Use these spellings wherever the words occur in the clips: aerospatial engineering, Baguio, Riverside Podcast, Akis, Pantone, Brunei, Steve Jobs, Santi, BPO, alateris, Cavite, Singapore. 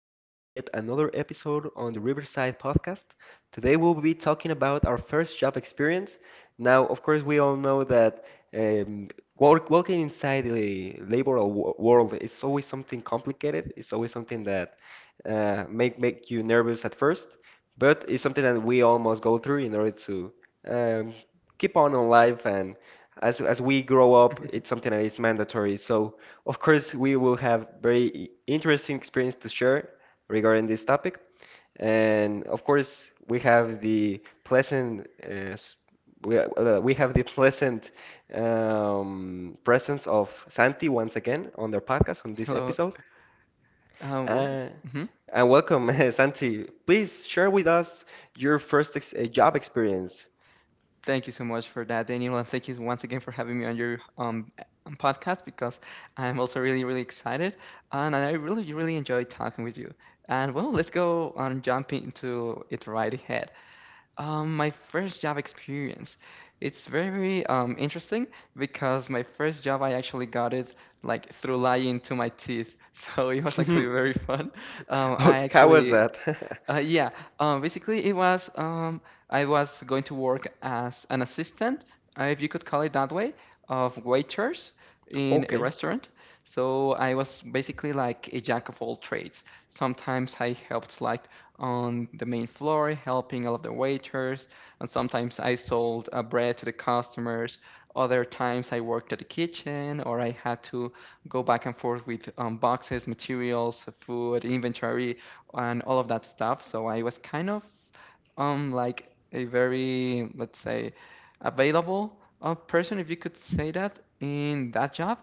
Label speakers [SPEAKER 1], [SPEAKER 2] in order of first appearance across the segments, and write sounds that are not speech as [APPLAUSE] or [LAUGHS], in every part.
[SPEAKER 1] back to yet another episode on the Riverside Podcast. Today, we'll be talking about our first job experience. Now, of course, we all know that um, work, working inside the labor world is always something complicated. It's always something that make you nervous at first, but it's something that we all must go through in order to um, keep on in life. And as we grow up, it's something that is mandatory. So. Of course, we will have very interesting experience to share regarding this topic. And of course, we have the pleasant we have the pleasant presence of Santi once again on their podcast on this
[SPEAKER 2] Hello.
[SPEAKER 1] episode.
[SPEAKER 2] Um, well,
[SPEAKER 1] Uh,
[SPEAKER 2] hmm
[SPEAKER 1] and welcome, [LAUGHS] Santi. Please share with us your first ex job experience. [LAUGHS]
[SPEAKER 2] Thank you so much for that, Daniel, and thank you once again for having me on your podcast because I'm also really excited, and I really enjoyed talking with you. And well, let's go on jumping into it right ahead. My first job experience. It's very interesting because my first job I actually got it like through lying to my teeth, [LAUGHS] so it was actually very fun. Um,
[SPEAKER 1] Oh,
[SPEAKER 2] I
[SPEAKER 1] how was
[SPEAKER 2] actually
[SPEAKER 1] that?
[SPEAKER 2] Uh,
[SPEAKER 1] [LAUGHS]
[SPEAKER 2] yeah, Basically it was, I was going to work as an assistant, if you could call it that way, of waiters in a
[SPEAKER 1] Okay,
[SPEAKER 2] restaurant. So I was basically like a jack of all trades. Sometimes I helped like on the main floor, helping all of the waiters, and sometimes I sold bread to the customers. Other times I worked at the kitchen, or I had to go back and forth with boxes, materials, food, inventory, and all of that stuff. So I was kind of like a, very let's say, available person, if you could say that, in that job.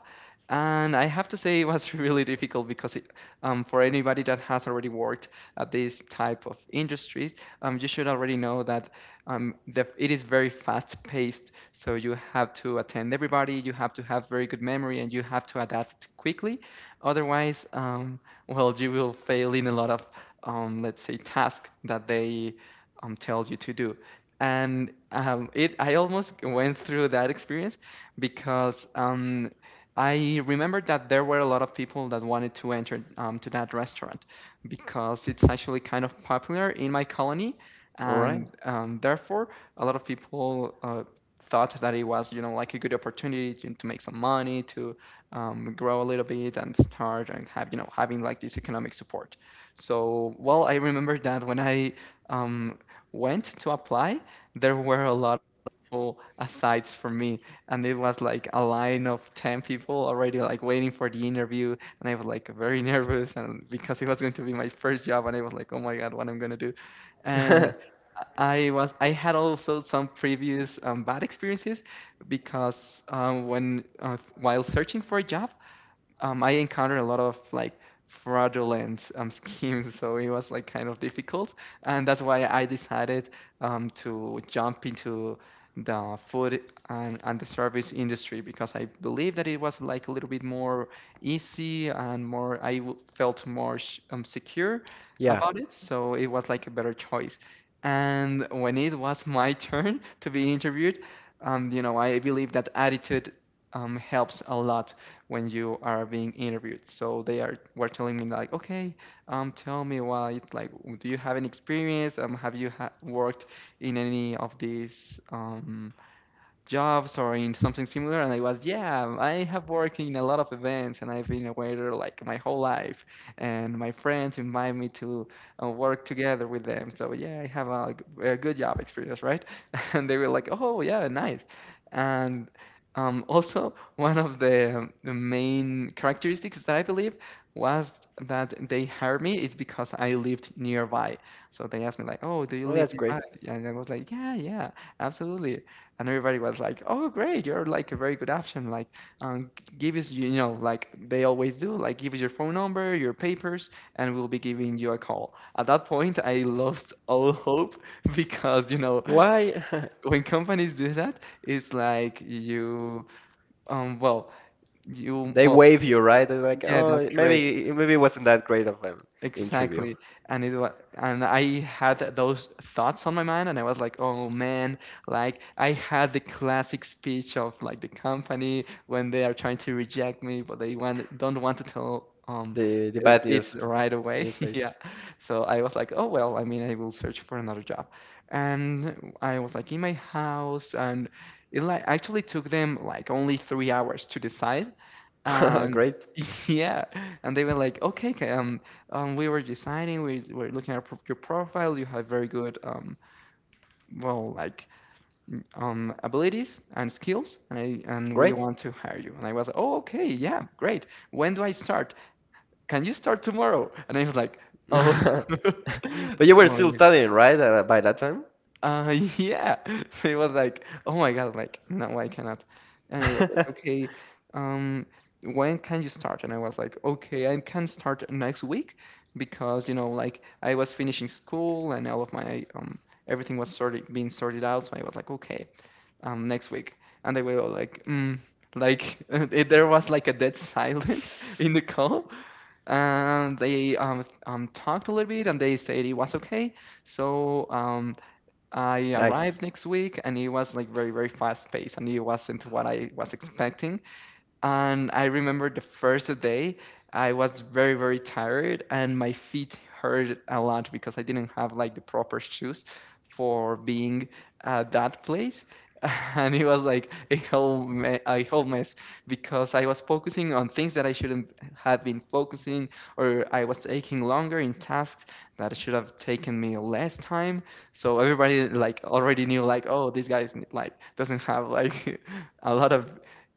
[SPEAKER 2] And I have to say it was [LAUGHS] really difficult because for anybody that has already worked at this type of industries, you should already know that, it is very fast paced, so you have to attend everybody, you have to have very good memory, and you have to adapt quickly. Otherwise, well, you will fail in a lot of, let's say, tasks that they, tells you to do. And I almost went through that experience because, I remember that there were a lot of people that wanted to enter to that restaurant because it's actually kind of popular in my colony,
[SPEAKER 1] all right.
[SPEAKER 2] and therefore a lot of people thought that it was, you know, like a good opportunity to make some money, to, grow a little bit and start and have, you know, having like this economic support. So, well, I remember that when I um, went to apply, there were a lot of people aside from me, and it was like a line of 10 people already like waiting for the interview, and I was like very [LAUGHS] nervous, and because it was going to be my first job, and I was like, oh my God, what I'm gonna do. And
[SPEAKER 1] [LAUGHS]
[SPEAKER 2] I had also some previous bad experiences because, when while searching for a job, I encountered a lot of like fraudulent [LAUGHS] schemes, so it was like kind of difficult, and that's why I decided, to jump into the food and, the service industry because I believe that it was like a little bit more easy and more felt more secure
[SPEAKER 1] Yeah,
[SPEAKER 2] about it, so it was like a better choice. And when it was [LAUGHS] my turn to be interviewed, you know, I believe that attitude helps a lot when you are being interviewed. So they are were telling me like, okay, tell me why, like, do you have any experience? Have you ha worked in any of these jobs or in something similar? And I was, yeah, I have worked in a lot of events and I've been a waiter like my whole life. And my friends invite me to work together with them. So yeah, I have a good job experience, right? [LAUGHS] And they were like, oh, yeah, nice. And, also, the main characteristics that I believe was that they hired me is because I lived nearby. So they asked me like, "Oh, do you
[SPEAKER 1] well,
[SPEAKER 2] live
[SPEAKER 1] that's
[SPEAKER 2] nearby?"
[SPEAKER 1] great.
[SPEAKER 2] And I was like, "Yeah, yeah, absolutely." And everybody was like, "Oh, great! You're like a very good option. Like, um, give us, you know, like they always do. Like, give us your phone number, your papers, and we'll be giving you a call." At that point, I lost all hope [LAUGHS] because, you know,
[SPEAKER 1] Why? [LAUGHS]
[SPEAKER 2] when companies do that, it's like um, well,
[SPEAKER 1] They
[SPEAKER 2] well,
[SPEAKER 1] wave you, right? They're like,
[SPEAKER 2] yeah, that's
[SPEAKER 1] oh,
[SPEAKER 2] correct.
[SPEAKER 1] maybe it wasn't that great of an interview.
[SPEAKER 2] Exactly. And it was, and I had those thoughts on my mind, and I was like, oh man, like I had the classic speech of like the company when they are trying to reject me, but they want don't want to tell
[SPEAKER 1] The bad
[SPEAKER 2] it
[SPEAKER 1] news
[SPEAKER 2] right away.
[SPEAKER 1] in
[SPEAKER 2] [LAUGHS] Yeah.
[SPEAKER 1] place.
[SPEAKER 2] So I was like, oh well, I mean, I will search for another job. And I was like in my house, and it like actually took them like only 3 hours to decide,
[SPEAKER 1] [LAUGHS]
[SPEAKER 2] and
[SPEAKER 1] Great,
[SPEAKER 2] [LAUGHS] yeah, and they were like, okay, we were deciding, we were looking at your profile. You have very good, well, like, abilities and skills, and we
[SPEAKER 1] great.
[SPEAKER 2] want to hire you. And I was like, oh, okay, yeah, great. When do I start? Can you start tomorrow? And I was like, oh,
[SPEAKER 1] [LAUGHS]
[SPEAKER 2] [LAUGHS]
[SPEAKER 1] But
[SPEAKER 2] oh
[SPEAKER 1] you were still
[SPEAKER 2] my
[SPEAKER 1] studying, right, by that time?
[SPEAKER 2] [LAUGHS] Yeah. [LAUGHS] So he was like, "Oh my God, like, no, I cannot." And he was like,
[SPEAKER 1] [LAUGHS]
[SPEAKER 2] "Okay, um, when can you start?" And I was like, "Okay, I can start next week because, you know, like I was finishing school and all of my everything was sorted being sorted out, so I was like, okay, next week." And they were all like, mm, like [LAUGHS] there was like a dead silence [LAUGHS] in the call. And they talked a little bit and they said it was okay. So um. I arrived
[SPEAKER 1] Nice.
[SPEAKER 2] next week and it was like very, very fast paced, and it wasn't what I was expecting. And I remember the first day, I was very, very tired and my feet hurt a lot because I didn't have like the proper shoes for being at that place. [LAUGHS] And it was like a a whole mess because I was focusing on things that I shouldn't have been focusing, or I was taking longer in tasks that should have taken me less time. So everybody like already knew like, oh, this guy is like doesn't have like [LAUGHS] a lot of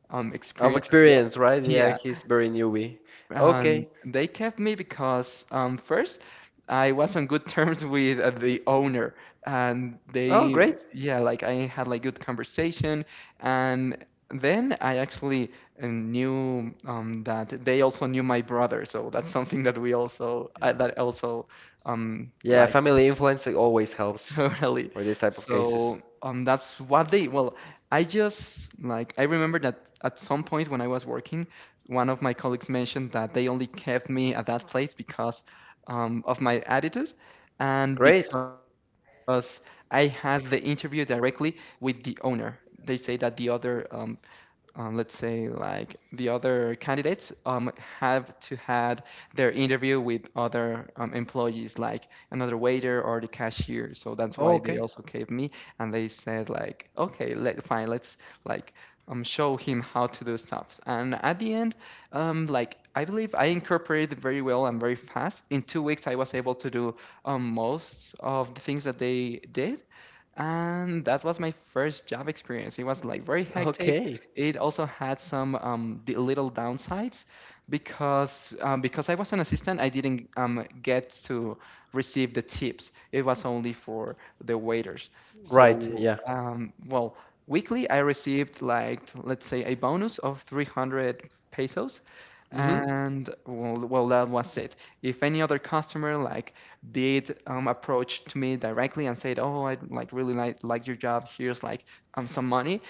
[SPEAKER 1] Of
[SPEAKER 2] experience at the job.
[SPEAKER 1] experience, right? Yeah,
[SPEAKER 2] Yeah,
[SPEAKER 1] he's very newbie.
[SPEAKER 2] and
[SPEAKER 1] Okay.
[SPEAKER 2] they kept me because first I was on good terms with the owner, and
[SPEAKER 1] Oh,
[SPEAKER 2] they
[SPEAKER 1] great.
[SPEAKER 2] yeah, like I had like good conversation, and then I actually knew that they also knew my brother, so that's something that we also I that also um
[SPEAKER 1] Yeah,
[SPEAKER 2] like
[SPEAKER 1] family influence always
[SPEAKER 2] [LAUGHS]
[SPEAKER 1] helps
[SPEAKER 2] totally.
[SPEAKER 1] for this type of cases.
[SPEAKER 2] So, that's what they. Well, I just like I remember that at some point when I was working, one of my colleagues mentioned that they only kept me at that place because, of my attitude, and
[SPEAKER 1] Great.
[SPEAKER 2] because I had the interview directly with the owner. They say that the other, let's say, like, the other candidates have to had their interview with other employees, like another waiter or the cashier, so that's
[SPEAKER 1] Oh,
[SPEAKER 2] why they
[SPEAKER 1] okay.
[SPEAKER 2] also gave me, and they said like, okay, let fine, let's like, show him how to do stuff. And at the end, like I believe I incorporated very well and very fast. In 2 weeks I was able to do most of the things that they did, and that was my first job experience. It was like very hectic.
[SPEAKER 1] Okay.
[SPEAKER 2] It also had some the little downsides because, because I was an assistant, I didn't get to receive the tips. It was only for the waiters.
[SPEAKER 1] Right.
[SPEAKER 2] So,
[SPEAKER 1] Yeah.
[SPEAKER 2] well, weekly I received like, let's say, a bonus of 300 pesos.
[SPEAKER 1] Mm-hmm.
[SPEAKER 2] And well, well, that was it. If any other customer like did approach to me directly and said, "Oh, I like really like your job. Here's like some money,"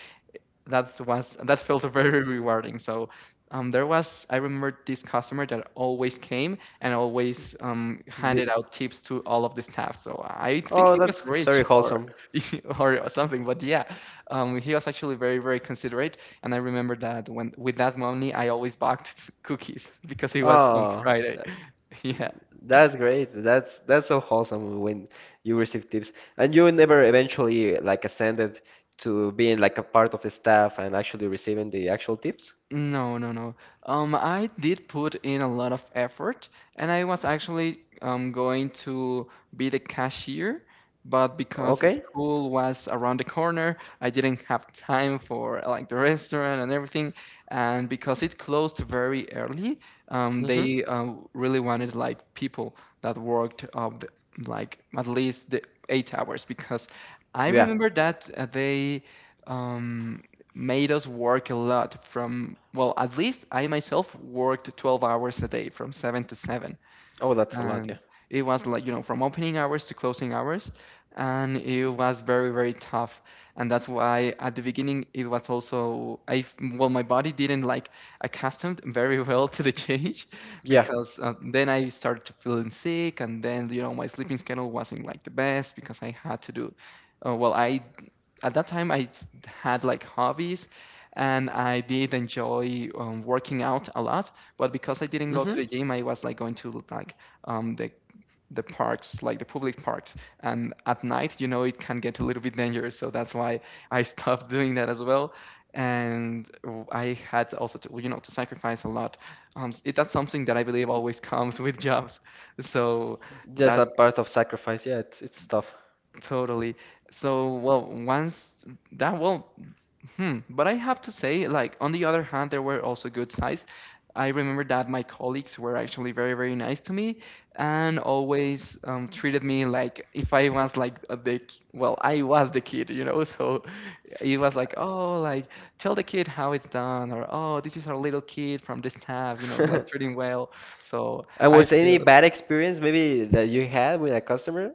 [SPEAKER 2] that felt very rewarding. So, there was I remember this customer that always came and always handed
[SPEAKER 1] The,
[SPEAKER 2] out tips to all of the staff. So I think
[SPEAKER 1] oh,
[SPEAKER 2] he was
[SPEAKER 1] that's
[SPEAKER 2] rich
[SPEAKER 1] very
[SPEAKER 2] or
[SPEAKER 1] wholesome.
[SPEAKER 2] [LAUGHS] or something. But yeah, he was actually very very considerate. And I remember that when with that money I always bought [LAUGHS] cookies because it was on
[SPEAKER 1] Oh,
[SPEAKER 2] Friday.
[SPEAKER 1] tha-
[SPEAKER 2] [LAUGHS] Yeah.
[SPEAKER 1] that's great. That's so wholesome when you receive tips. And you never eventually like ascended to being like a part of the staff and actually receiving the actual tips?
[SPEAKER 2] No, no, no. I did put in a lot of effort, and I was actually going to be the cashier, but because
[SPEAKER 1] Okay.
[SPEAKER 2] school was around the corner, I didn't have time for like the restaurant and everything, and because it closed very early, um,
[SPEAKER 1] Mm-hmm.
[SPEAKER 2] they um, really wanted like people that worked up like at least the 8 hours because I
[SPEAKER 1] Yeah.
[SPEAKER 2] remember that they. Um, Made us work a lot from, well, at least I myself worked 12 hours a day from 7 to 7,
[SPEAKER 1] Oh, that's a lot, yeah.
[SPEAKER 2] and it was, like you know, from opening hours to closing hours, and it was very tough. And that's why at the beginning it was also I f- well my body didn't like accustomed very [LAUGHS] well to the change [LAUGHS]
[SPEAKER 1] Yeah.
[SPEAKER 2] because then I started to feeling sick. And then, you know, my sleeping schedule wasn't like the best because I had to do well, I at that time had like hobbies, and I did enjoy working out a lot. But because I didn't go to
[SPEAKER 1] Mm-hmm.
[SPEAKER 2] the gym, I was like going to like um, the the parks, like the public parks. And at night, you know, it can get a little bit dangerous. So that's why I [LAUGHS] stopped doing that as well. And I had also to, you know, to sacrifice a lot. That's something that I believe always comes [LAUGHS] with jobs. So
[SPEAKER 1] Just
[SPEAKER 2] that's
[SPEAKER 1] that part of sacrifice. Yeah, it's tough.
[SPEAKER 2] totally. So, well, once that, well, Hmm. But I have to say, like, on the other hand, there were also good sides. I remember that my colleagues were actually very, very nice to me, and always treated me like if I was like a big, well, I was the kid, you know? [LAUGHS] So it was like, oh, like, tell the kid how it's done, or oh, this is our little kid from the staff, you know, like treating
[SPEAKER 1] [LAUGHS]
[SPEAKER 2] well. So
[SPEAKER 1] And
[SPEAKER 2] I
[SPEAKER 1] was any
[SPEAKER 2] feel,
[SPEAKER 1] bad experience maybe that you had with a customer?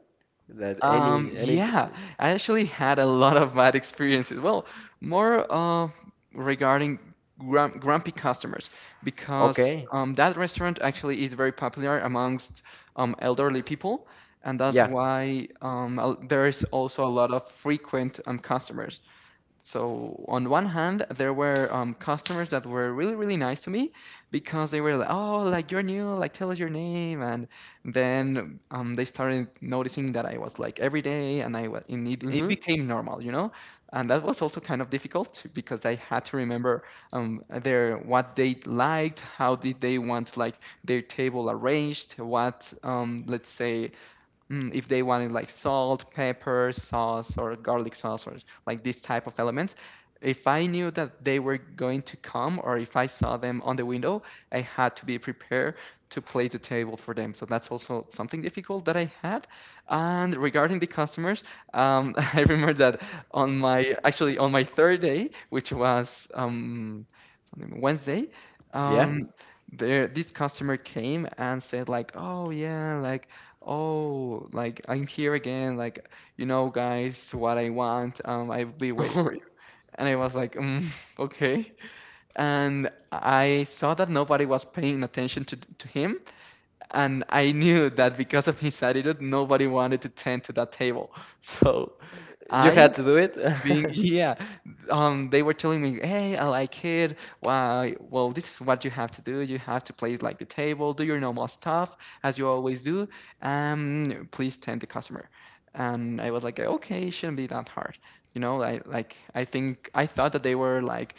[SPEAKER 1] That any
[SPEAKER 2] Yeah, I actually had a lot of bad experiences. Well, more regarding grump grumpy customers, because
[SPEAKER 1] okay.
[SPEAKER 2] that restaurant actually is very popular amongst elderly people, and that's
[SPEAKER 1] Yeah.
[SPEAKER 2] why there is also a lot of frequent customers. So on one hand, there were customers that were really, really nice to me because they were like, "Oh, like you're new, like tell us your name." And then they started noticing that I was like every day, and and it
[SPEAKER 1] Hmm.
[SPEAKER 2] became normal, you know. And that was also kind of difficult to- because I had to remember their what they liked, how did they want like their table arranged, what let's say, if they wanted like salt, pepper, sauce, or garlic sauce, or like this type of elements, if I knew that they were going to come, or if I saw them on the window, I had to be prepared to place the table for them. So that's also something difficult that I had. And regarding the customers, [LAUGHS] I remember that on my actually, on my third day, which was Wednesday,
[SPEAKER 1] Yeah.
[SPEAKER 2] um, there this customer came and said like, "Oh yeah, like Oh, like I'm here again, like you know, guys, what I want. I'll be waiting for you.
[SPEAKER 1] [LAUGHS]
[SPEAKER 2] And I was like, mm, [LAUGHS] okay. And I saw that nobody was paying attention to him, and I knew that because of his attitude, nobody wanted to tend to that table. [LAUGHS] So
[SPEAKER 1] You
[SPEAKER 2] I
[SPEAKER 1] had to do it?
[SPEAKER 2] being [LAUGHS]
[SPEAKER 1] [LAUGHS]
[SPEAKER 2] yeah, they were telling me, "Hey, I like it. Why? Well, this is what you have to do. You have to place like the table, do your normal stuff as you always do. Please tend the customer." And I was like, "Okay, it shouldn't be that hard." You know, I think I thought that they were like,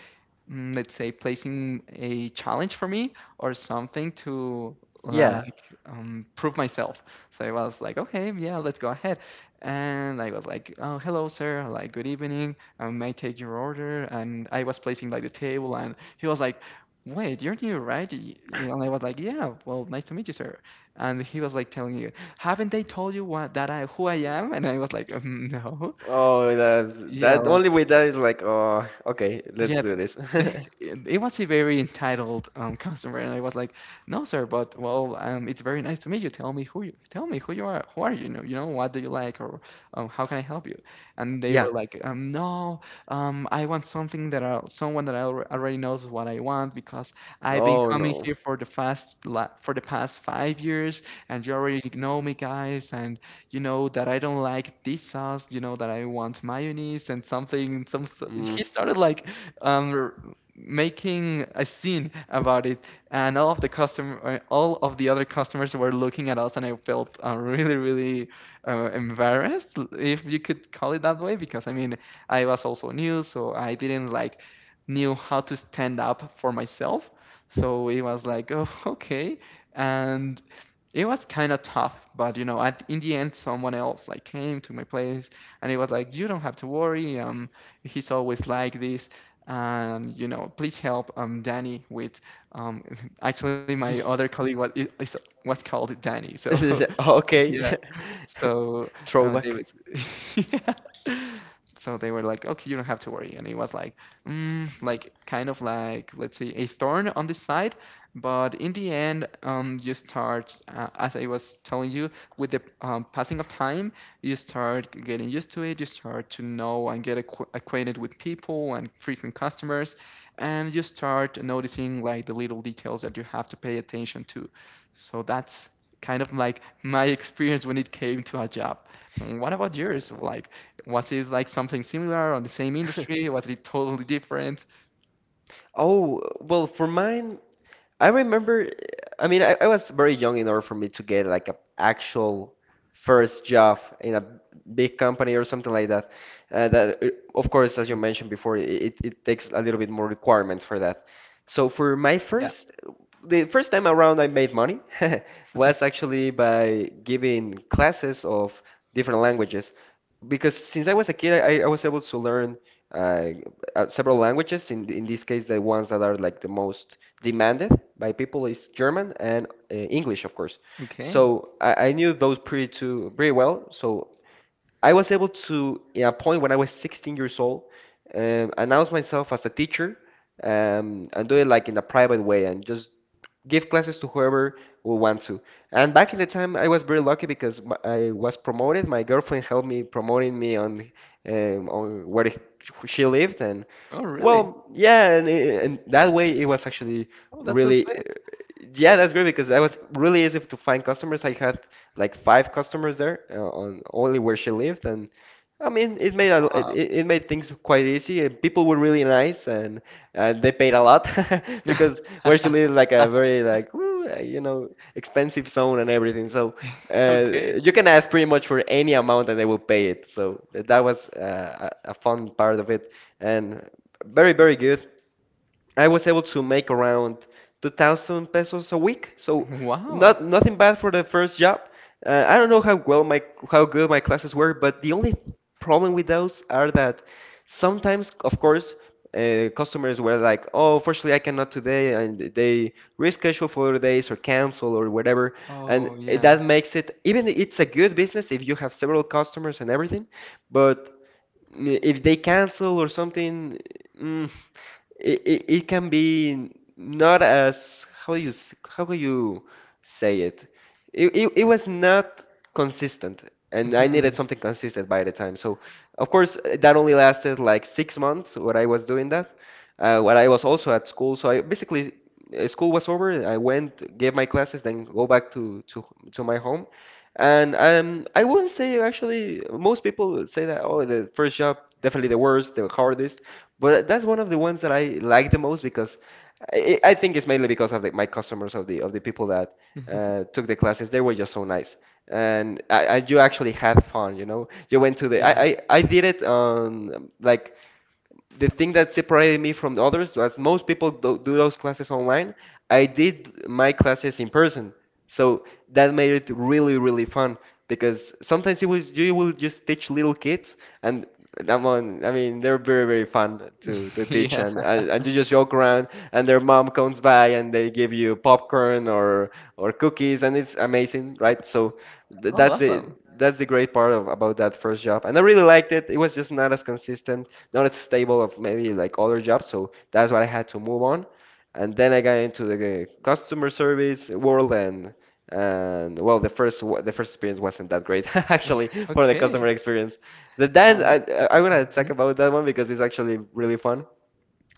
[SPEAKER 2] mm, let's say, placing a challenge for me or something to
[SPEAKER 1] Yeah.
[SPEAKER 2] like prove myself. So I was like, "Okay, yeah, let's go ahead." And I was like, oh, hello, sir. Like, good evening. I may I take your order. And I was placing like the table, and he was like, wait, you're new, right? And I was like, yeah. Well, nice to meet you, sir. And he was like telling you, haven't they told you what that I who I am? And I was like, [LAUGHS] no.
[SPEAKER 1] Oh, that
[SPEAKER 2] Yeah,
[SPEAKER 1] that
[SPEAKER 2] like
[SPEAKER 1] only way that is like, oh, okay, let's
[SPEAKER 2] yeah,
[SPEAKER 1] do this. [LAUGHS]
[SPEAKER 2] [LAUGHS] they, it was a very entitled customer, and I was like, "No, sir, but well, it's very nice to meet you. Tell me who you are. Who are you? You know what do you like, or how can I help you?" And they
[SPEAKER 1] Yeah.
[SPEAKER 2] were like, "No, I want something that I someone that I already knows what I want because I've been
[SPEAKER 1] Oh
[SPEAKER 2] coming
[SPEAKER 1] no.
[SPEAKER 2] here for for the past 5 years, and you already know me, guys, and you know that I don't like this sauce. You know that I want mayonnaise and something. Some s-
[SPEAKER 1] Mm.
[SPEAKER 2] he started like." um, Making a scene about it, and all of the other customers were looking at us, and I felt really, really embarrassed, if you could call it that way, because I mean, I was also new, so I didn't like knew how to stand up for myself. So it was like, [LAUGHS] oh, okay. And it was kind of tough, but you know, in the end, someone else like came to my place and it was like, you don't have to worry. He's always like this, and you know, please help Danny with um. [LAUGHS] Actually, my other
[SPEAKER 1] [LAUGHS]
[SPEAKER 2] colleague was was called Danny, so [LAUGHS] yeah,
[SPEAKER 1] Okay. [LAUGHS]
[SPEAKER 2] so they
[SPEAKER 1] Throwback.
[SPEAKER 2] was, [LAUGHS] yeah. So they were like, okay, you don't have to worry. And it was like, mm, like kind of like, let's say, a thorn on the side. But in the end, you start, as I was telling you, with the passing of time, you start getting used to it. You start to know and get acquainted with people and frequent customers, and you start noticing like the little details that you have to pay attention to. So that's kind of like my experience when it came to a job. Mm, what about yours? Like, was it like something similar on the same industry?
[SPEAKER 1] [LAUGHS]
[SPEAKER 2] Was it totally different?
[SPEAKER 1] Oh, well, for mine, I remember, I mean, I was very young in order for me to get like a actual first job in a big company or something like that. Uh, that, uh, of course, as you mentioned before, it, it takes a little bit more requirements for that. So for my
[SPEAKER 2] Yeah.
[SPEAKER 1] first, the first time around I made money [LAUGHS] was actually by giving classes of different languages. Because since I was a kid, I was able to learn uh, several languages. In this case, the ones that are like the most demanded by people is German and English, of course.
[SPEAKER 2] Okay.
[SPEAKER 1] So I knew those pretty well. So I was able to, at a point when I was 16 years old, announce myself as a teacher and do it like in a private way and just give classes to whoever will want to. And back in the time, I was very lucky because I was promoted. My girlfriend helped me promoting me on um, on where it- she lived, and
[SPEAKER 2] Oh, really?
[SPEAKER 1] well, yeah, and that way it was actually
[SPEAKER 2] Oh, that's so
[SPEAKER 1] really.
[SPEAKER 2] sweet.
[SPEAKER 1] Yeah, that's great because that was really easy to find customers. I had like five customers there on only where she lived, and I mean, it made a,
[SPEAKER 2] Wow.
[SPEAKER 1] it made things quite easy. And people were really nice, and they paid a lot [LAUGHS] because where she lives is like
[SPEAKER 2] [LAUGHS]
[SPEAKER 1] a very like ooh, you know expensive zone and everything. So
[SPEAKER 2] Okay.
[SPEAKER 1] you can ask pretty much for any amount, and they will pay it. So that was a fun part of it, and very very good. I was able to make around 2,000 pesos a week, so
[SPEAKER 2] Wow.
[SPEAKER 1] not nothing bad for the first job. I don't know how well my how good my classes were, but the only problem with those are that sometimes, of course, customers were like, "Oh, unfortunately, I cannot today," and they reschedule for other days or cancel or whatever, and
[SPEAKER 2] Oh, yeah.
[SPEAKER 1] that makes it even it's a good business if you have several customers and everything, but if they cancel or something, mm, it, it, it can be not as how you how can you say it? It was not consistent, and I
[SPEAKER 2] Hmm.
[SPEAKER 1] needed something consistent by the time. So of course that only lasted like 6 months when I was doing that, when I was also at school. So I basically school was over, I went, gave my classes, then go back to to my home. And I wouldn't say actually, most people say that, oh, the first job definitely the worst, the hardest, but that's one of the ones that I like the most because I think it's mainly because of the, my customers, of the people that
[SPEAKER 2] [LAUGHS]
[SPEAKER 1] took the classes. They were just so nice, and I you actually had fun, you know. You went to the I
[SPEAKER 2] Yeah.
[SPEAKER 1] I, I did it on like the thing that separated me from the others was most people do those classes online. I did my classes in person, so that made it really, really fun because sometimes it was you will just teach little kids, and that one, I mean, they're very, very fun to
[SPEAKER 2] [LAUGHS]
[SPEAKER 1] teach,
[SPEAKER 2] Yeah.
[SPEAKER 1] and you just joke around, and their mom comes by and they give you popcorn or cookies, and it's amazing, right? So
[SPEAKER 2] Oh, awesome.
[SPEAKER 1] th that's the great part of, about that first job. And I really liked it. It was just not as consistent, not as stable of maybe like other jobs. So that's why I had to move on. And then I got into the customer service world and well, the the first experience wasn't that great [LAUGHS] actually for the
[SPEAKER 2] Okay.
[SPEAKER 1] customer experience. Then
[SPEAKER 2] Um,
[SPEAKER 1] I wanna
[SPEAKER 2] mhm.
[SPEAKER 1] talk about that one because it's actually really fun.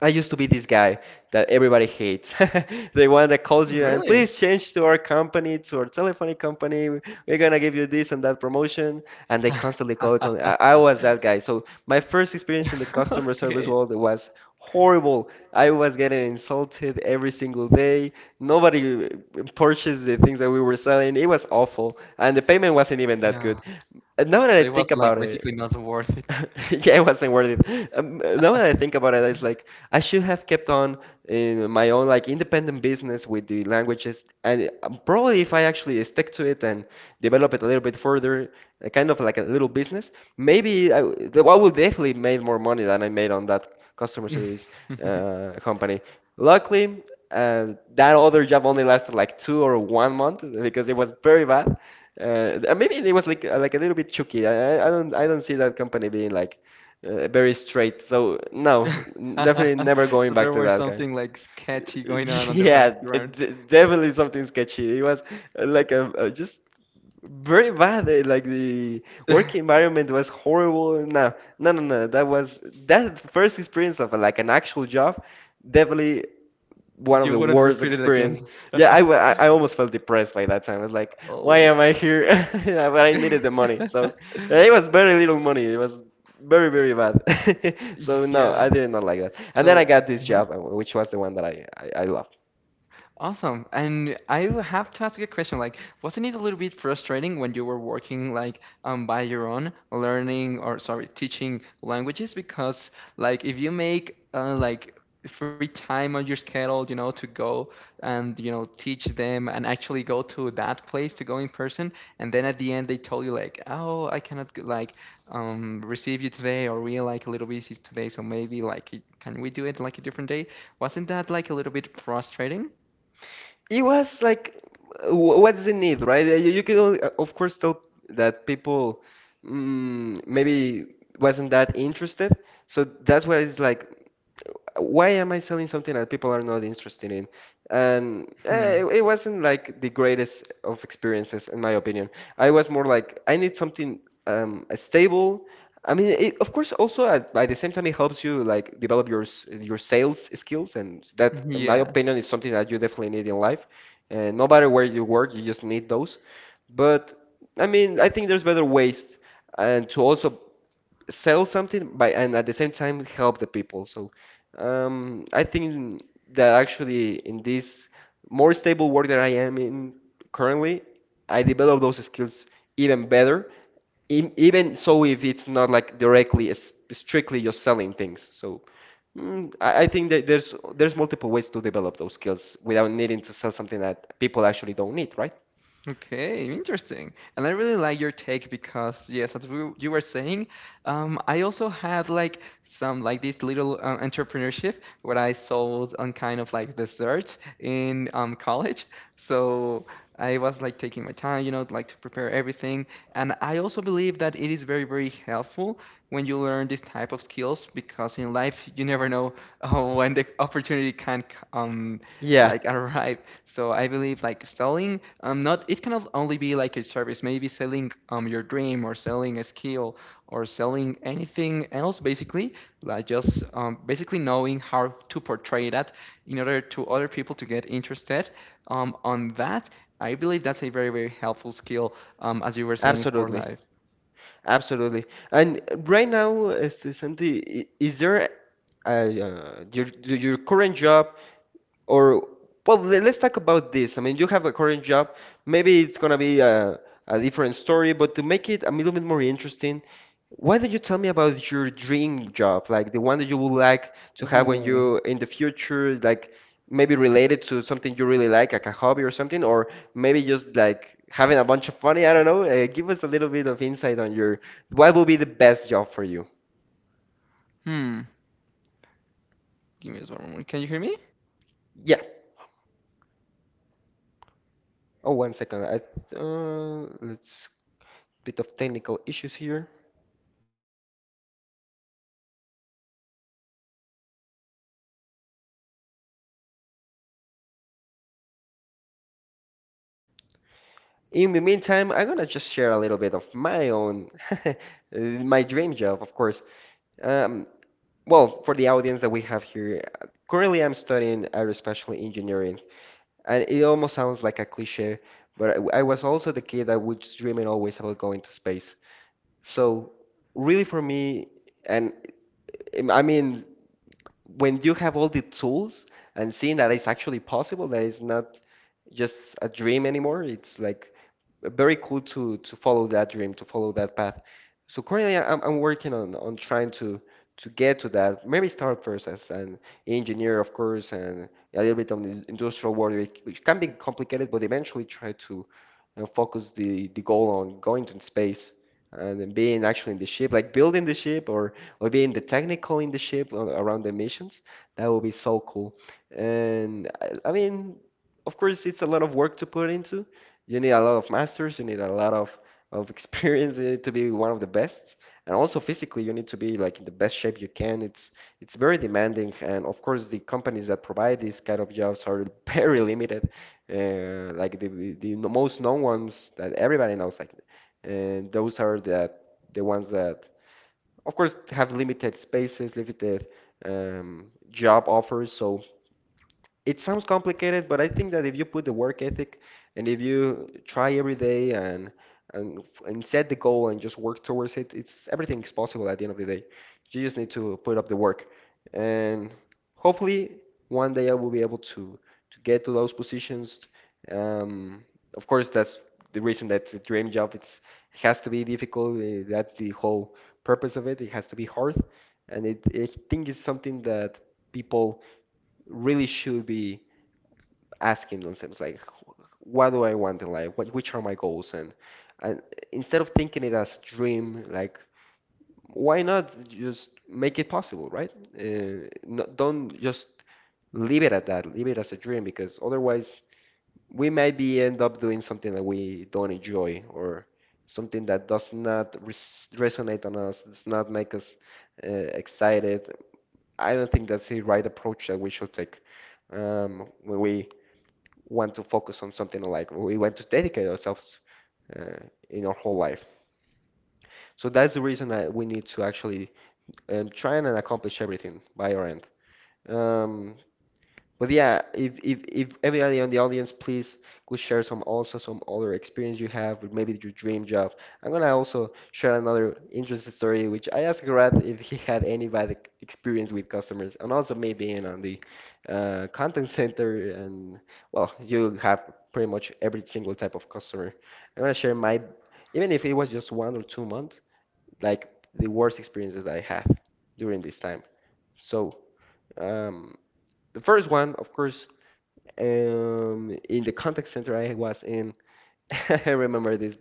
[SPEAKER 1] I used to be this guy that everybody hates. [LAUGHS] The one that calls you
[SPEAKER 2] Really?
[SPEAKER 1] and please change to our company, to our telephony company. We're gonna give you this and that promotion, and they constantly call. I was that guy. So my first experience in the customer service world was horrible. I was getting insulted every single day. Nobody purchased the things that we were selling. It was awful, and the payment wasn't even that good. And now that I think about it, [LAUGHS] yeah, it wasn't worth it. Now that I think about it, it's like I should have kept on in my own like independent business with the languages, and probably if I actually stick to it and develop it a little bit further, kind of like a little business, maybe I would definitely made more money than I made on that customer service company. Luckily, uh, that other job only lasted like 2 or 1 month because it was very bad. And maybe it was like a little bit chooky. I don't I don't see that company being like very straight. So no, definitely never going back to that kind. [LAUGHS] Yeah, definitely something sketchy. It was like a just very bad. Like the work environment was horrible. No, no, no, no. That was that first experience of like an actual job. Definitely one of the worst experience. Yeah, I, wa- I almost felt depressed by that time. I was like, why am I here? [LAUGHS] Yeah, but I needed the money. So and it was very little money. It was very, very bad. [LAUGHS] So no, I did not like that. And then I got this job, which was the one that I love. It was like, what's the need, right? You, you can, only, of course, tell that people maybe wasn't that interested. So that's where it's like. Why am I selling something that people are not interested in? And it, it wasn't like the greatest of experiences, in my opinion. I was more like, I need something stable. I mean, it, of course, also at, by the same time, it helps you like develop your your sales skills, and that, in my opinion, is something that you definitely need in life. And no matter where you work, you just need those. But I mean, I think there's better ways, and to also sell something by and at the same time help the people. So I think that actually in this more stable work that I am in currently, I develop those skills even better even so if it's not like directly as strictly just selling things. So I think that there's multiple ways to develop those skills without needing to sell something that people actually don't need, right? Yeah, absolutely, absolutely. And right now, este, Santi is there a, your, do your current job? Or, let's talk about this. I mean, you have a current job. Maybe it's gonna be a different story, but to make it a little bit more interesting, why don't you tell me about your dream job, like the one that you would like to have when you in the future, like maybe related to something you really like a hobby or something, or maybe just like having a bunch of money. I don't know. Give us a little bit of insight on your what will be the best job for you. Yeah. Oh, one second. Let's bit of technical issues here. In the meantime, I'm gonna just share a little bit of my own, [LAUGHS] my dream job, of course. Um, well, for the audience that we have here, currently I'm studying aerospatial engineering, and it almost sounds like a cliche, but I was also the kid that was dreaming always about going to space. So, really, for me, and I mean, when you have all the tools and seeing that it's actually possible, that it's not just a dream anymore, it's like very cool to follow that dream, to follow that path. So currently, I- am I'm working on trying to get to that. Maybe start first as an engineer, of course, and a little bit on the industrial world, which can be complicated, but eventually try to, you know, focus the goal on going to space and being actually in the ship, like building the ship or being the technical in the ship or around the missions. That would be so cool. And I mean, of course, it's a lot of work to put into. You need a lot of masters, you need a lot of [LAUGHS] experience, you need to be one of the best, and also physically, you need to be like in the best shape you can. It's very demanding, and of course, the companies that provide these kind of jobs are [LAUGHS] very limited. Like the most known ones that everybody knows, like, and those are that the ones that of course have limited spaces, limited job offers. So it sounds complicated, but I think that if you put the work ethic and if you try every day and and set the goal and just work towards it, it's everything is possible at the end of the day. You just need to put up the work. And hopefully one day I will be able to get to those positions. Um, of course, that's the reason that's a dream job. It has to be difficult. That's the whole purpose of it. It has to be hard, and it I think it's something that people really should be asking themselves, like, what do I want in life? What, which are my goals? And instead of thinking it as dream, like, why not just make it possible, right? No, don't just leave it at that. Leave it as a dream because otherwise we might be end up doing something that we don't enjoy or something that does not resonate on us, does not make us excited. I don't think that's the right approach that we should take when we want to focus on something, like we want to dedicate ourselves uh, in our whole life. So that's the reason that we need to actually try and accomplish everything by our end. Um, but yeah, if everybody on the audience, please, could share some also some other experience you have with maybe your dream job. I'm gonna also share another interesting story, which I asked Grant if he had any bad experience with customers, and also me being on the content center, and well, you have pretty much every single type of customer. I'm gonna share my, even if it was just one or two months, like the worst experiences I had during this time. So, um, the first one, of course, in the contact center I was in, [LAUGHS] I remember this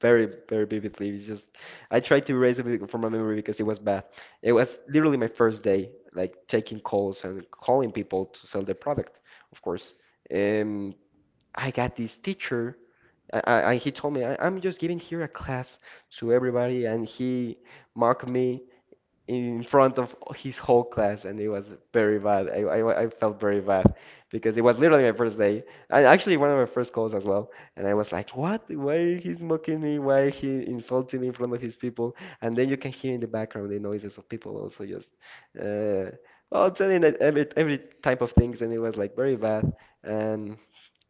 [SPEAKER 1] very, very vividly. It's just I tried to erase it from my memory because it was bad. It was literally my first day, like taking calls and calling people to sell their product, of course. Um, I got this teacher. He told me, I'm just giving here a class to everybody, and he mocked me in front of his whole class, and it was very bad. I felt very bad because it was literally my first day, and actually one of my first calls as well. And I was like, "What? Why he's mocking me? Why he insulting me in front of his people?" And then you can hear in the background the noises of people also just, uh, well, telling it every type of things, and it was like very bad. And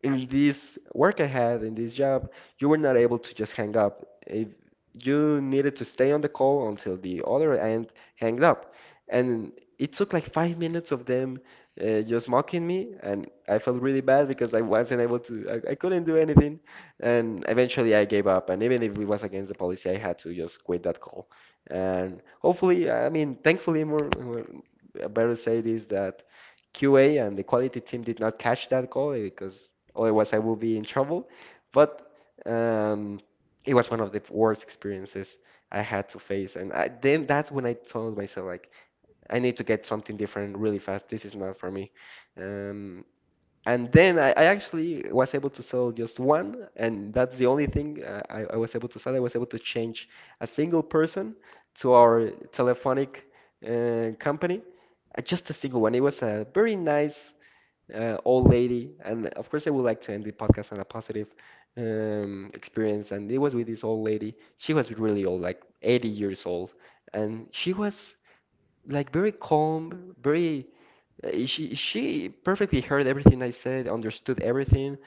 [SPEAKER 1] in this work I had in this job, you were not able to just hang up. If you needed to stay on the call until the other end hanged up. And it took like 5 minutes of them just mocking me, and I felt really bad because I wasn't able to, I couldn't do anything. And eventually I gave up, and even if it was against the policy, I had to just quit that call. And hopefully, I mean, thankfully, more, more I better say this that QA and the quality team did not catch that call because otherwise I would be in trouble. But um, it was one of the worst experiences I had to face. And then that's when I told myself, like, I need to get something different really fast. This is not for me. Um, and then I actually was able to sell just one, and that's the only thing I was able to sell. I was able to change a single person to our telephonic company, just a single one. It was a very nice old lady, and of course, I would like to end the podcast on a positive experience. And it was with this old lady. She was really old, like 80 years old, and she was like very calm, very. She perfectly heard everything I said, understood everything,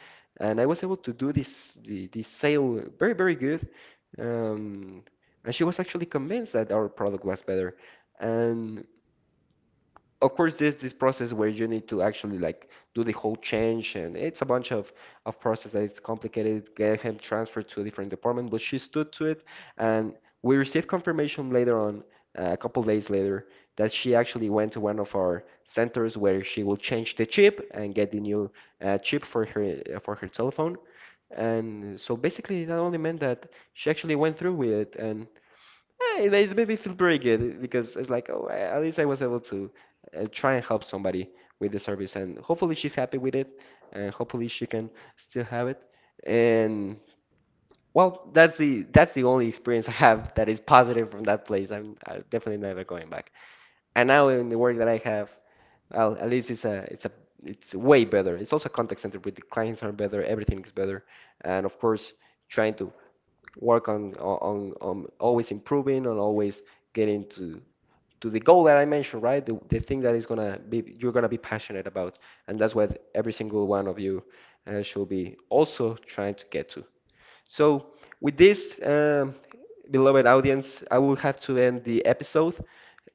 [SPEAKER 1] and I was able to do this sale very very good. Um, and she was actually convinced that our product was better, and of course there's this process where you need to actually like do the whole change, and it's a bunch of process that is complicated, get him transferred to a different department, but she stood to it. And we received confirmation later on, a couple days later, that she actually went to one of our centers where she will change the chip and get the new chip for her telephone. And so basically that only meant that she actually went through with it. And yeah, it made me feel very good because it's like, oh, at least I was able to try and help somebody with the service, and hopefully she's happy with it, and hopefully she can still have it. And well, that's the only experience I have that is positive from that place. I'm, I definitely never going back. And now in the work that I have, well, at least it's a it's a it's way better. It's also contact center with the clients are better, everything is better, and of course, trying to work on on always improving, and always getting to the goal that I mentioned, right? The thing that is gonna be you're gonna be passionate about, and that's what every single one of you should be also trying to get to. So, with this, beloved audience, I will have to end the episode.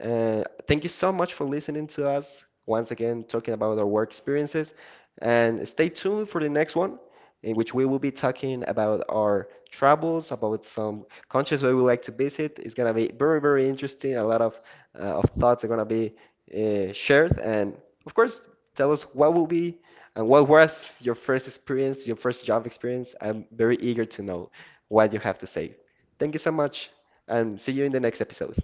[SPEAKER 1] Thank you so much for listening to us once again, talking about our work experiences. And stay tuned for the next one, in which we will be talking about our travels, about some countries we would like to visit. It's gonna be very, very interesting. A lot of thoughts are gonna be shared, and of course, tell us what will be and what was your first experience, your first job experience? I'm very eager to know what you have to say. Thank you so much, and see you in the next episode.